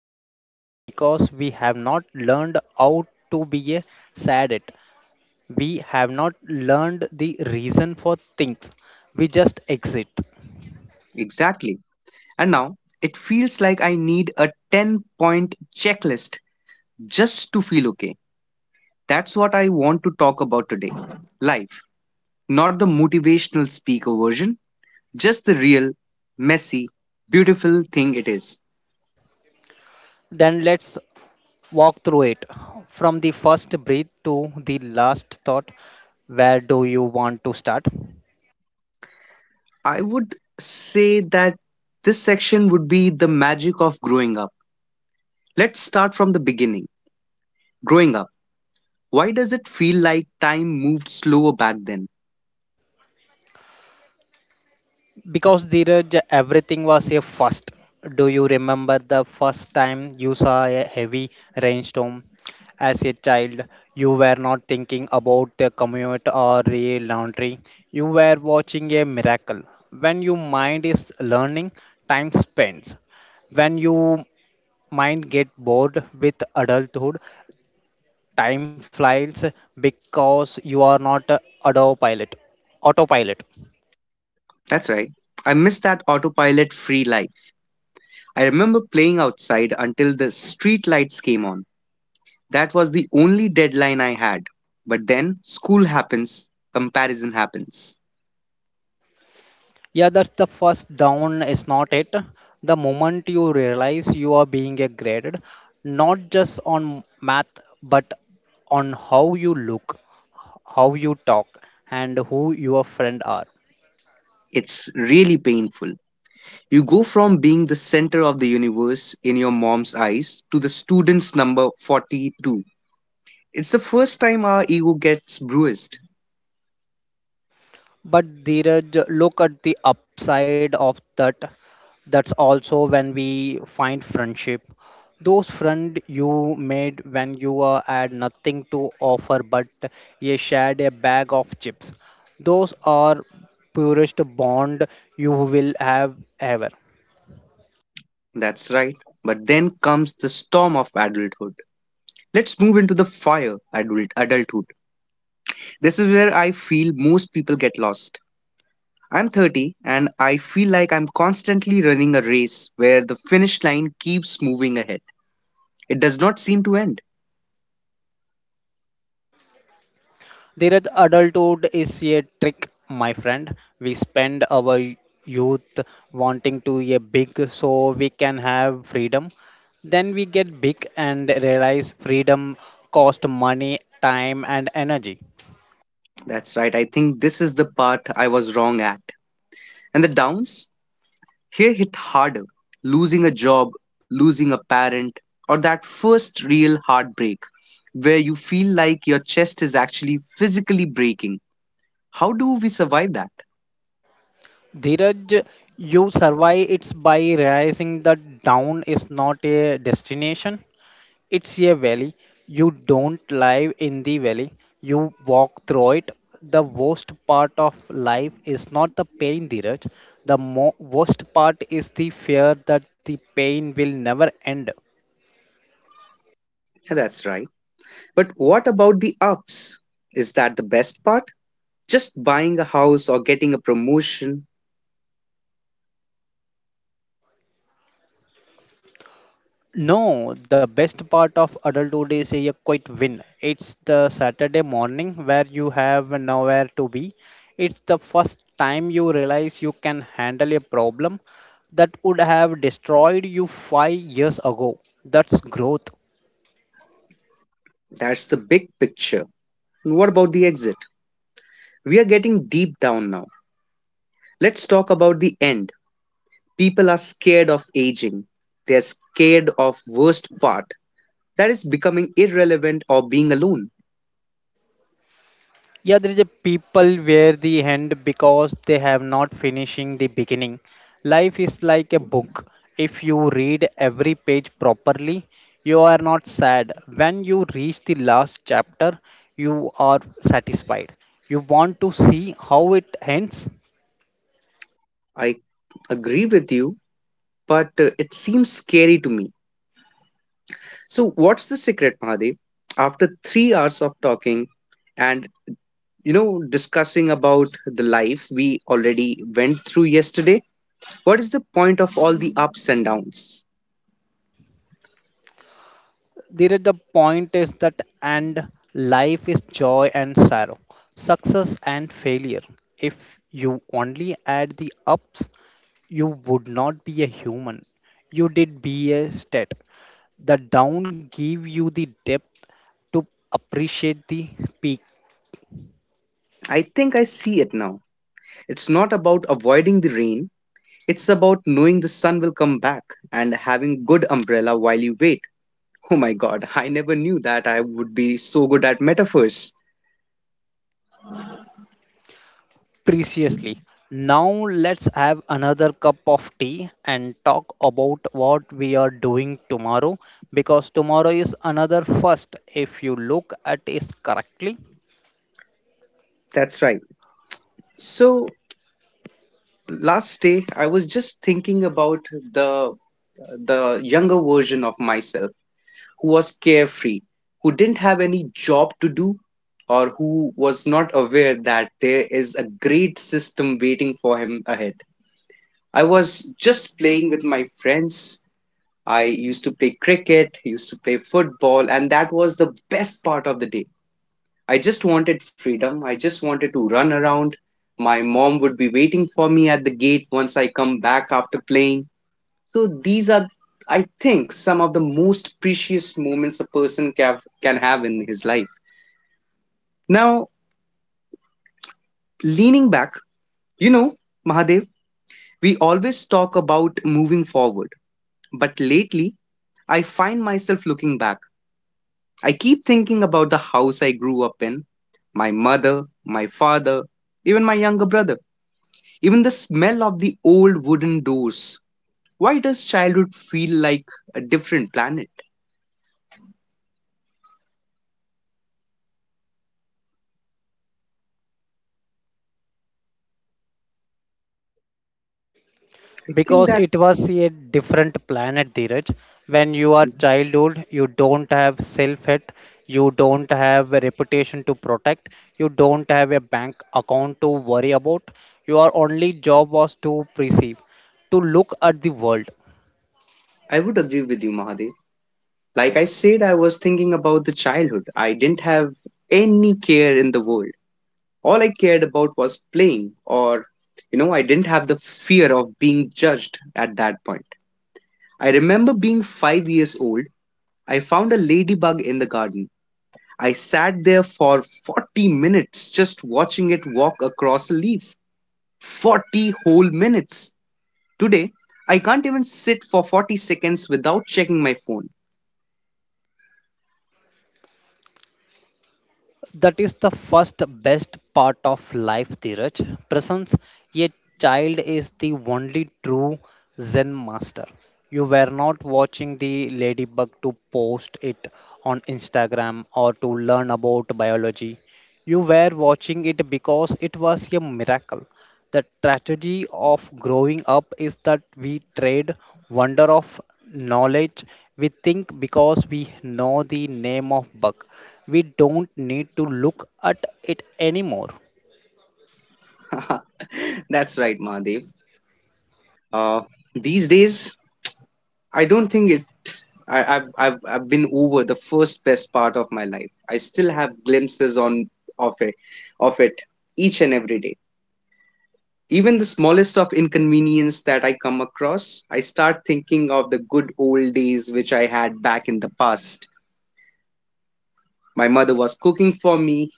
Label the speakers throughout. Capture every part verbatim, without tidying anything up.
Speaker 1: we are happy because we have not learned how to be a sad it. We have not learned the reason for things. We just exit.
Speaker 2: Exactly. And now it feels like I need a ten point checklist just to feel okay. That's what I want to talk about today. Life, not the motivational speaker version, just the real, messy, beautiful thing it is.
Speaker 1: Then let's walk through it from the first breath to the last thought. Where do you want to start?
Speaker 2: I would say that this section would be the magic of growing up. Let's start from the beginning. Growing up, why does it feel like time moved slower back then?
Speaker 1: Because Dheeraj, everything was a first. Do you remember the first time you saw a heavy rainstorm? As a child, you were not thinking about the commute or the laundry. You were watching a miracle. When your mind is learning, time spends. When your mind get bored with adulthood, time flies because you are not a autopilot. Autopilot.
Speaker 2: That's right. I miss that autopilot free life. I remember playing outside until the street lights came on. That was the only deadline I had. But then school happens, comparison happens.
Speaker 1: Yeah, that's the first down, is not it? The moment you realize you are being a graded, not just on math, but on how you look, how you talk, and who your friend are.
Speaker 2: It's really painful. You go from being the center of the universe in your mom's eyes to the student's number forty-two. It's the first time our ego gets bruised.
Speaker 1: But Dheeraj, look at the upside of that. That's also when we find friendship. Those friend you made when you uh, had nothing to offer but you shared a bag of chips. Those are purest bond you will have ever.
Speaker 2: That's right. But then comes the storm of adulthood. Let's move into the fire adult adulthood. This is where I feel most people get lost. I'm thirty and I feel like I'm constantly running a race where the finish line keeps moving ahead. It does not seem to end.
Speaker 1: Dhiraj, adulthood is a trick, my friend. We spend our youth wanting to be big so we can have freedom. Then we get big and realize freedom cost money, time, and energy.
Speaker 2: That's right. I think this is the part I was wrong at. And the downs? Here hit harder, losing a job, losing a parent, or that first real heartbreak where you feel like your chest is actually physically breaking. How do we survive that?
Speaker 1: Dhiraj, you survive it's by realizing that down is not a destination. It's a valley. You don't live in the valley. You walk through it. The worst part of life is not the pain, Dheeraj. The mo- worst part is the fear that the pain will never end.
Speaker 2: Yeah, that's right. But what about the ups? Is that the best part? Just buying a house or getting a promotion?
Speaker 1: No, the best part of adulthood is a quiet win. It's the Saturday morning where you have nowhere to be. It's the first time you realize you can handle a problem that would have destroyed you five years ago. That's growth.
Speaker 2: That's the big picture. And what about the exit? We are getting deep down now. Let's talk about the end. People are scared of aging. They're scared of worst part, that is becoming irrelevant or being alone.
Speaker 1: Yeah, there is a people where the end because they have not finishing the beginning. Life is like a book. If you read every page properly, you are not sad. When you reach the last chapter, you are satisfied. You want to see how it ends.
Speaker 2: I agree with you, but uh, it seems scary to me. So, what's the secret, Mahadev? After three hours of talking and you know discussing about the life we already went through yesterday, what is the point of all the ups and downs?
Speaker 1: There is the point is that and life is joy and sorrow, success and failure. If you only add the ups, you would not be a human. You did be a stat. The down give you the depth to appreciate the peak.
Speaker 2: I think I see it now. It's not about avoiding the rain. It's about knowing the sun will come back and having good umbrella while you wait. Oh my god, I never knew that I would be so good at metaphors.
Speaker 1: Preciously. Now let's have another cup of tea and talk about what we are doing tomorrow because tomorrow is another first if you look at it correctly
Speaker 2: That's right. So last day I was just thinking about the the younger version of myself, who was carefree, who didn't have any job to do or who was not aware that there is a great system waiting for him ahead. I was just playing with my friends. I used to play cricket, used to play football, and that was the best part of the day. I just wanted freedom. I just wanted to run around. My mom would be waiting for me at the gate once I come back after playing. So these are, I think, some of the most precious moments a person can, can have in his life. Now, leaning back, you know, Mahadev, we always talk about moving forward, but lately I find myself looking back. I keep thinking about the house I grew up in, my mother, my father, even my younger brother. Even the smell of the old wooden doors. Why does childhood feel like a different planet? I think
Speaker 1: because
Speaker 2: that
Speaker 1: it was a different planet Dheeraj. When you are childhood, you don't have self hate, you don't have a reputation to protect, you don't have a bank account to worry about, your only job was to perceive, to look at the world.
Speaker 2: I would agree with you, Mahadev. Like I said, I was thinking about the childhood. I didn't have any care in the world. All I cared about was playing, or, you know, I didn't have the fear of being judged at that point. I remember being five years old. I found a ladybug in the garden. I sat there for forty minutes just watching it walk across a leaf. forty whole minutes. Today, I can't even sit for forty seconds without checking my phone.
Speaker 1: That is the first best part of life, Dheeraj. Presence, a child is the only true Zen master. You were not watching the ladybug to post it on Instagram or to learn about biology. You were watching it because it was a miracle. The tragedy of growing up is that we trade wonder of knowledge. We think because we know the name of bug, we don't need to look at it anymore.
Speaker 2: That's right, Mahadev. Uh, these days, I don't think it. I, I've, I've I've been over the first best part of my life. I still have glimpses on of it, of it each and every day. Even the smallest of inconvenience that I come across, I start thinking of the good old days which I had back in the past. My mother was cooking for me.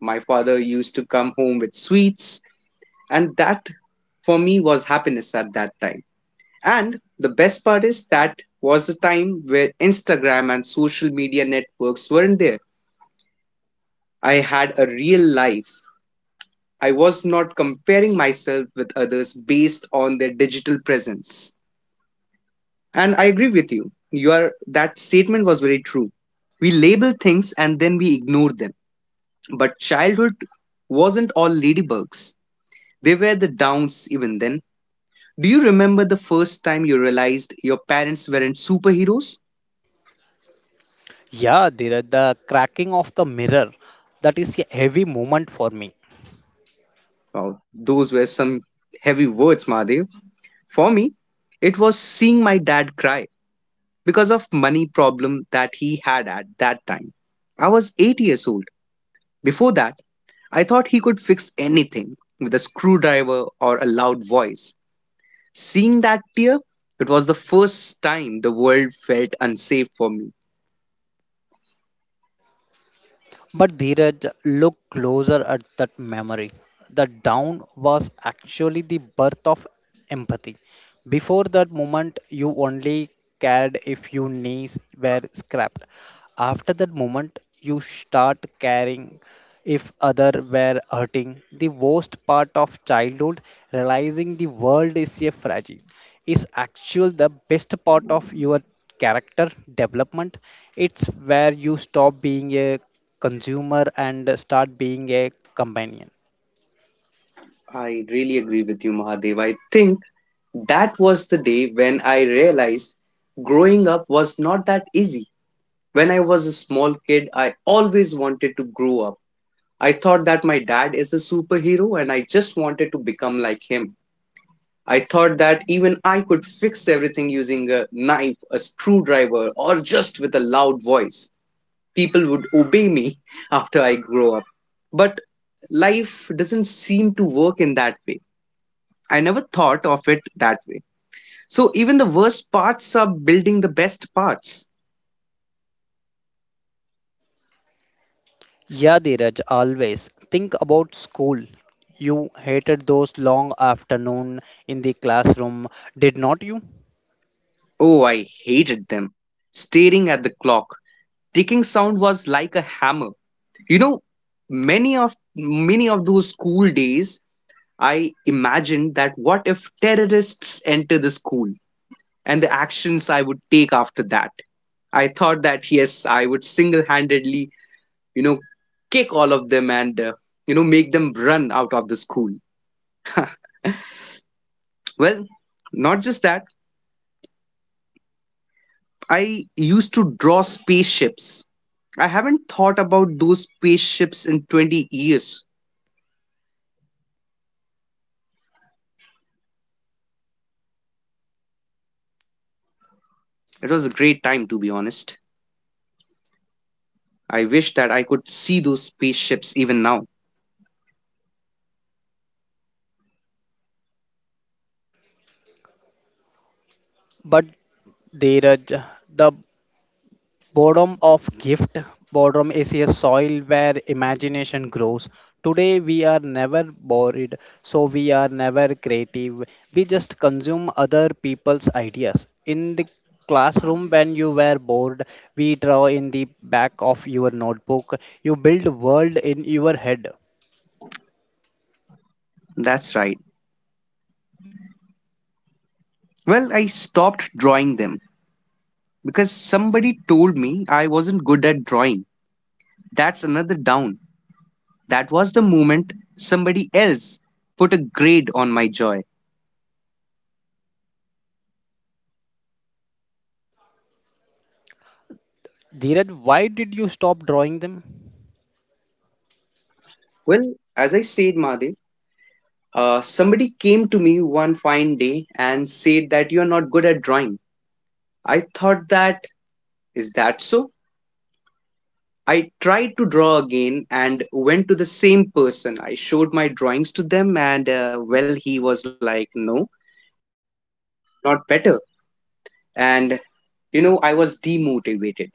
Speaker 2: My father used to come home with sweets, and that for me was happiness at that time. And the best part is that was the time where Instagram and social media networks weren't there. I had a real life. I was not comparing myself with others based on their digital presence. And I agree with you. Your that statement was very true. We label things and then we ignore them. But childhood wasn't all ladybugs. They were the downs even then. Do you remember the first time you realized your parents weren't superheroes?
Speaker 1: Yeah, Dheeraj, the cracking of the mirror, that is a heavy moment for me.
Speaker 2: Wow, those were some heavy words, Mahadev. For me, it was seeing my dad cry because of money problem that he had at that time. I was eight years old. Before that, I thought he could fix anything with a screwdriver or a loud voice. Seeing that tear, it was the first time the world felt unsafe for me.
Speaker 1: But Dheeraj, look closer at that memory. The down was actually the birth of empathy. Before that moment, you only cared if your knees were scrapped. After that moment, you start caring if other were hurting. The worst part of childhood, realizing the world is a fragile, is actually the best part of your character development. It's where you stop being a consumer and start being a companion.
Speaker 2: I really agree with you, Mahadev. I think that was the day when I realized growing up was not that easy. When I was a small kid, I always wanted to grow up. I thought that my dad is a superhero and I just wanted to become like him. I thought that even I could fix everything using a knife, a screwdriver, or just with a loud voice. People would obey me after I grow up. But life doesn't seem to work in that way. I never thought of it that way. So even the worst parts are building the best parts.
Speaker 1: Yeah, Dheeraj, always. Think about school. You hated those long afternoon in the classroom, did not you?
Speaker 2: Oh, I hated them. Staring at the clock. Ticking sound was like a hammer. You know, many of many of those school days, I imagined that what if terrorists enter the school and the actions I would take after that. I thought that yes, I would single-handedly, you know, kick all of them and uh, you know make them run out of the school. Well, not just that, I used to draw spaceships. I haven't thought about those spaceships in twenty years. It was a great time, to be honest. I wish that I could see those spaceships even now.
Speaker 1: But Dheeraj, the Boredom of gift. Boredom is a soil where imagination grows. Today we are never bored, so we are never creative. We just consume other people's ideas. In the classroom, when you were bored, we draw in the back of your notebook. You build world in your head.
Speaker 2: That's right. Well, I stopped drawing them because somebody told me I wasn't good at drawing. That's another down. That was the moment somebody else put a grade on my joy.
Speaker 1: Dheeraj, why did you stop drawing them?
Speaker 2: Well, as I said, Mahadev, uh, somebody came to me one fine day and said that you are not good at drawing. I thought that, is that so? I tried to draw again and went to the same person. I showed my drawings to them, and uh, well, he was like, no, not better. And you know, I was demotivated.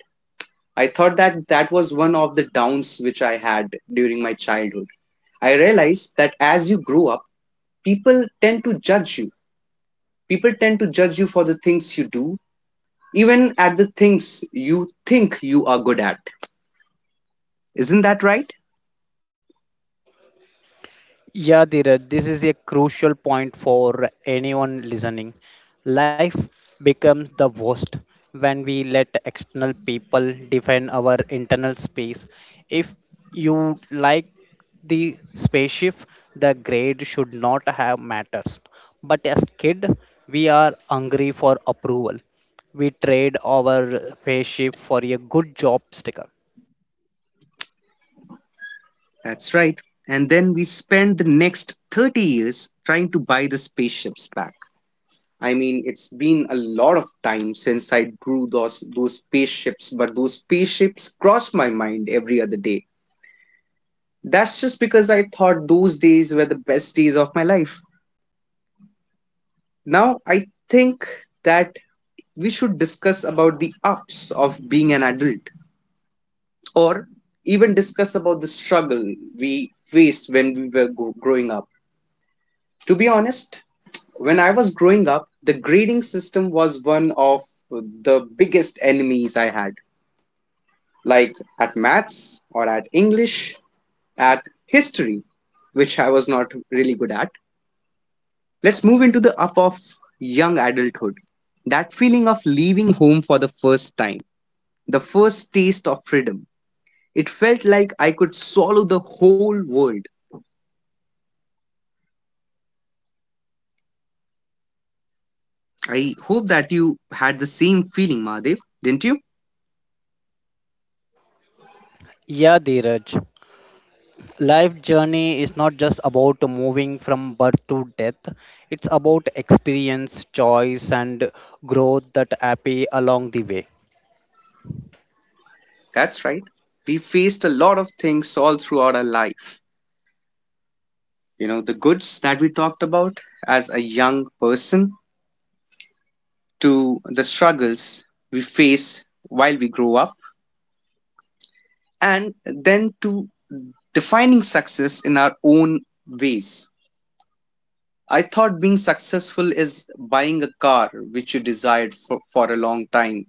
Speaker 2: I thought that that was one of the downs which I had during my childhood. I realized that as you grow up, people tend to judge you. People tend to judge you for the things you do, even at the things you think you are good at. Isn't that right?
Speaker 1: Yeah, Dheeraj, this is a crucial point for anyone listening. Life becomes the worst when we let external people define our internal space. If you like the spaceship, the grade should not have matters. But as kid, we are hungry for approval. We trade our spaceship for a good job sticker.
Speaker 2: That's right. And then we spent the next thirty years trying to buy the spaceships back. I mean, it's been a lot of time since I drew those those spaceships, but those spaceships cross my mind every other day. That's just because I thought those days were the best days of my life. Now I think that we should discuss about the ups of being an adult or even discuss about the struggle we faced when we were go- growing up. To be honest, when I was growing up, the grading system was one of the biggest enemies I had. Like at maths or at English, at history, which I was not really good at. Let's move into the up of young adulthood. That feeling of leaving home for the first time, the first taste of freedom. It felt like I could swallow the whole world. I hope that you had the same feeling, Mahadev, didn't you?
Speaker 1: Yeah, Dheeraj. Life journey is not just about moving from birth to death. It's about experience, choice, and growth that happy along the way.
Speaker 2: That's right. We faced a lot of things all throughout our life. You know, the goods that we talked about as a young person, to the struggles we face while we grow up, and then to defining success in our own ways. I thought being successful is buying a car which you desired for, for a long time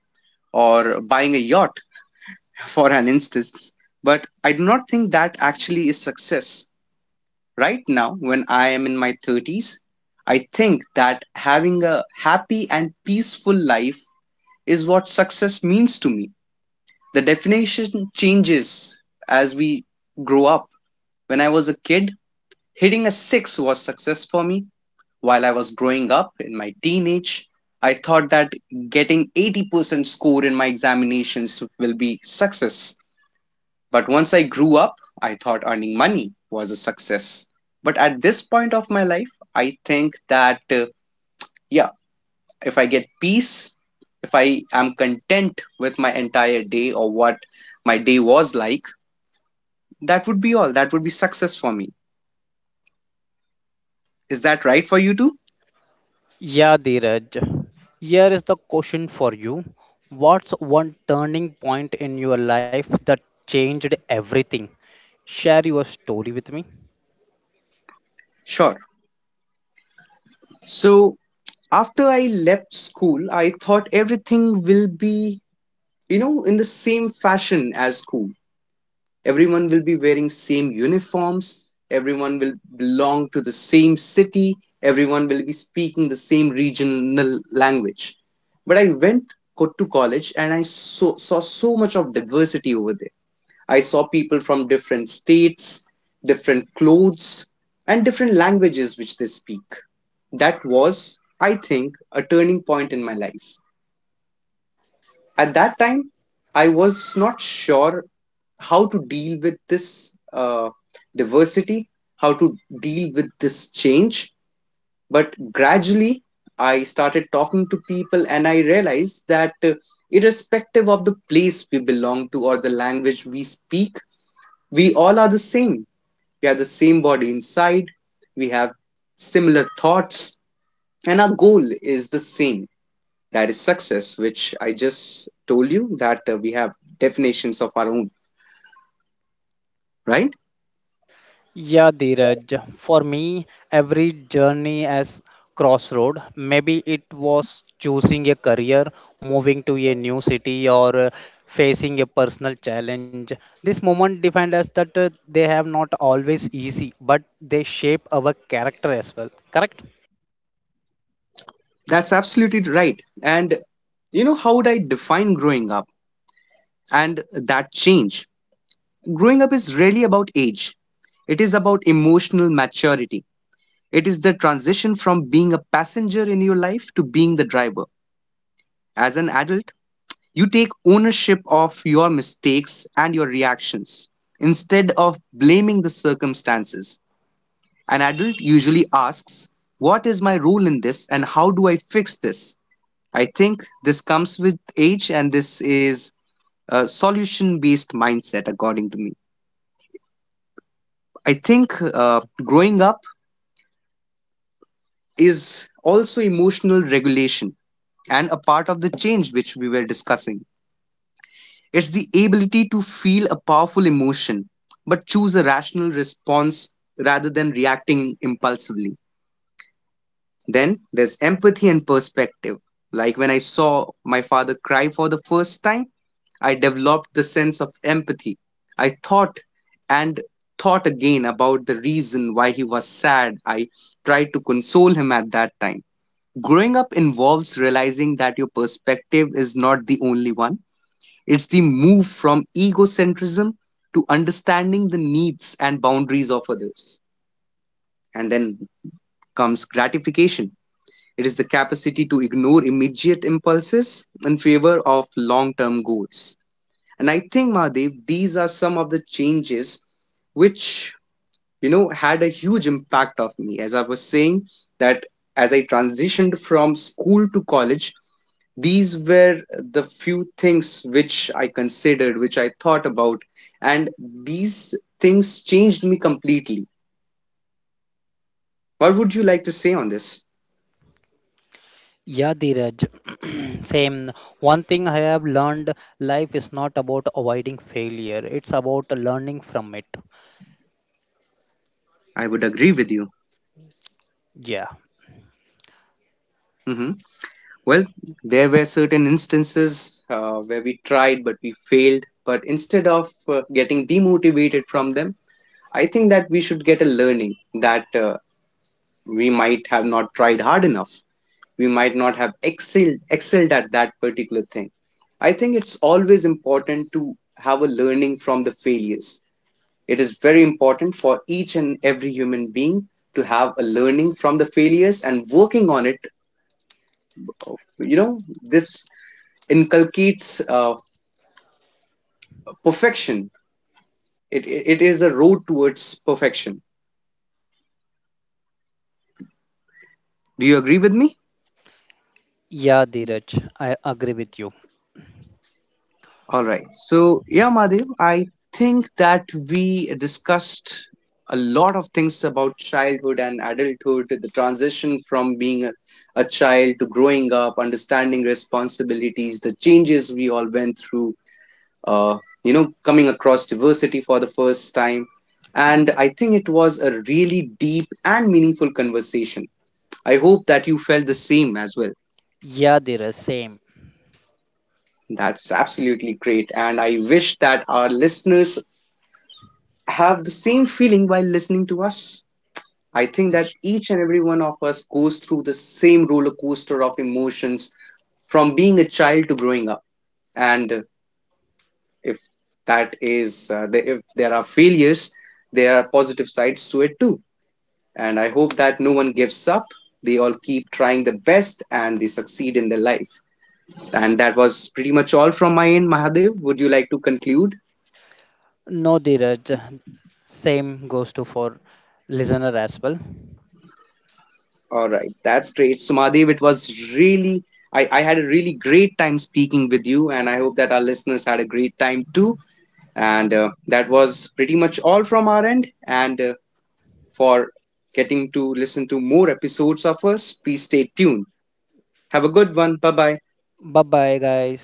Speaker 2: or buying a yacht for an instance. But I do not think that actually is success. Right now, when I am in my thirties, I think that having a happy and peaceful life is what success means to me. The definition changes as we grow up. When I was a kid, hitting a six was success for me. While I was growing up in my teenage, I thought that getting eighty percent score in my examinations will be success. But once I grew up, I thought earning money was a success. But at this point of my life, I think that, uh, yeah, if I get peace, if I am content with my entire day or what my day was like, that would be all. That would be success for me. Is that right for you too?
Speaker 1: Yeah, Dheeraj. Here is the question for you. What's one turning point in your life that changed everything? Share your story with me.
Speaker 2: Sure. So after I left school, I thought everything will be, you know, in the same fashion as school. Everyone will be wearing same uniforms, everyone will belong to the same city, everyone will be speaking the same regional language. But I went co- to college and i so, saw so much of diversity over there. I saw people from different states, different clothes, and different languages which they speak. That was, I think, a turning point in my life. At that time, I was not sure how to deal with this, uh, diversity, how to deal with this change. But gradually I started talking to people and I realized that, uh, irrespective of the place we belong to or the language we speak, we all are the same. We are the same body inside. We have similar thoughts, and our goal is the same. That is success, which I just told you that, uh, we have definitions of our own, right?
Speaker 1: Yeah, Dheeraj. For me, every journey as crossroad. Maybe it was choosing a career, moving to a new city, or uh, facing a personal challenge. This moment defined us that uh, they have not always easy, but they shape our character as well. Correct?
Speaker 2: That's absolutely right. And you know, how would I define growing up and that change? Growing up is really about age, it is about emotional maturity. It is the transition from being a passenger in your life to being the driver. As an adult, you take ownership of your mistakes and your reactions instead of blaming the circumstances. An adult usually asks, what is my role in this and how do I fix this? I think this comes with age and this is a solution based mindset, according to me. I think uh, growing up is also emotional regulation and a part of the change which we were discussing. It's the ability to feel a powerful emotion but choose a rational response rather than reacting impulsively. Then there's empathy and perspective. Like when I saw my father cry for the first time, I developed the sense of empathy. I thought and thought again about the reason why he was sad. I tried to console him at that time. Growing up involves realizing that your perspective is not the only one. It's the move from egocentrism to understanding the needs and boundaries of others. And then comes gratification. It is the capacity to ignore immediate impulses in favor of long term goals. And I think, Mahadev, these are some of the changes which, you know, had a huge impact of me. As I was saying, that as I transitioned from school to college, these were the few things which I considered, which I thought about. And these things changed me completely. What would you like to say on this?
Speaker 1: Yeah, Dheeraj. Same. One thing I have learned: life is not about avoiding failure; it's about learning from it.
Speaker 2: I would agree with you.
Speaker 1: Yeah.
Speaker 2: Mm-hmm. Well, there were certain instances uh, where we tried but we failed. But instead of uh, getting demotivated from them, I think that we should get a learning that, uh, we might have not tried hard enough. We might not have excelled excelled at that particular thing. I think it's always important to have a learning from the failures. It is very important for each and every human being to have a learning from the failures and working on it. You know, this inculcates, uh, perfection. It, it it is a road towards perfection. Do you agree with me?
Speaker 1: Yeah, Dheeraj, I agree with you.
Speaker 2: All right. So yeah, Madhav, I think that we discussed a lot of things about childhood and adulthood, the transition from being a, a child to growing up, understanding responsibilities, the changes we all went through. Uh, you know, coming across diversity for the first time. And I think it was a really deep and meaningful conversation. I hope that you felt the same as well.
Speaker 1: Yeah, Dheeraj, same.
Speaker 2: That's absolutely great. And I wish that our listeners have the same feeling while listening to us. I think that
Speaker 1: J-
Speaker 2: each and every one of us goes through the same roller coaster of emotions from being a child to growing up. And if that is, uh, the, if there are failures, there are positive sides to it too. And I hope that no one gives up. They all keep trying the best and they succeed in their life. And that was pretty much all from my end, Mahadev. Would you like to conclude?
Speaker 1: No, Dheeraj, same goes to for listener as well.
Speaker 2: All right, that's great. Sumadev, it was really, I, I had a really great time speaking with you, and I hope that our listeners had a great time too. And uh, that was pretty much all from our end. And uh, for getting to listen to more episodes of us, please stay tuned. Have a good one. Bye bye.
Speaker 1: Bye bye, guys.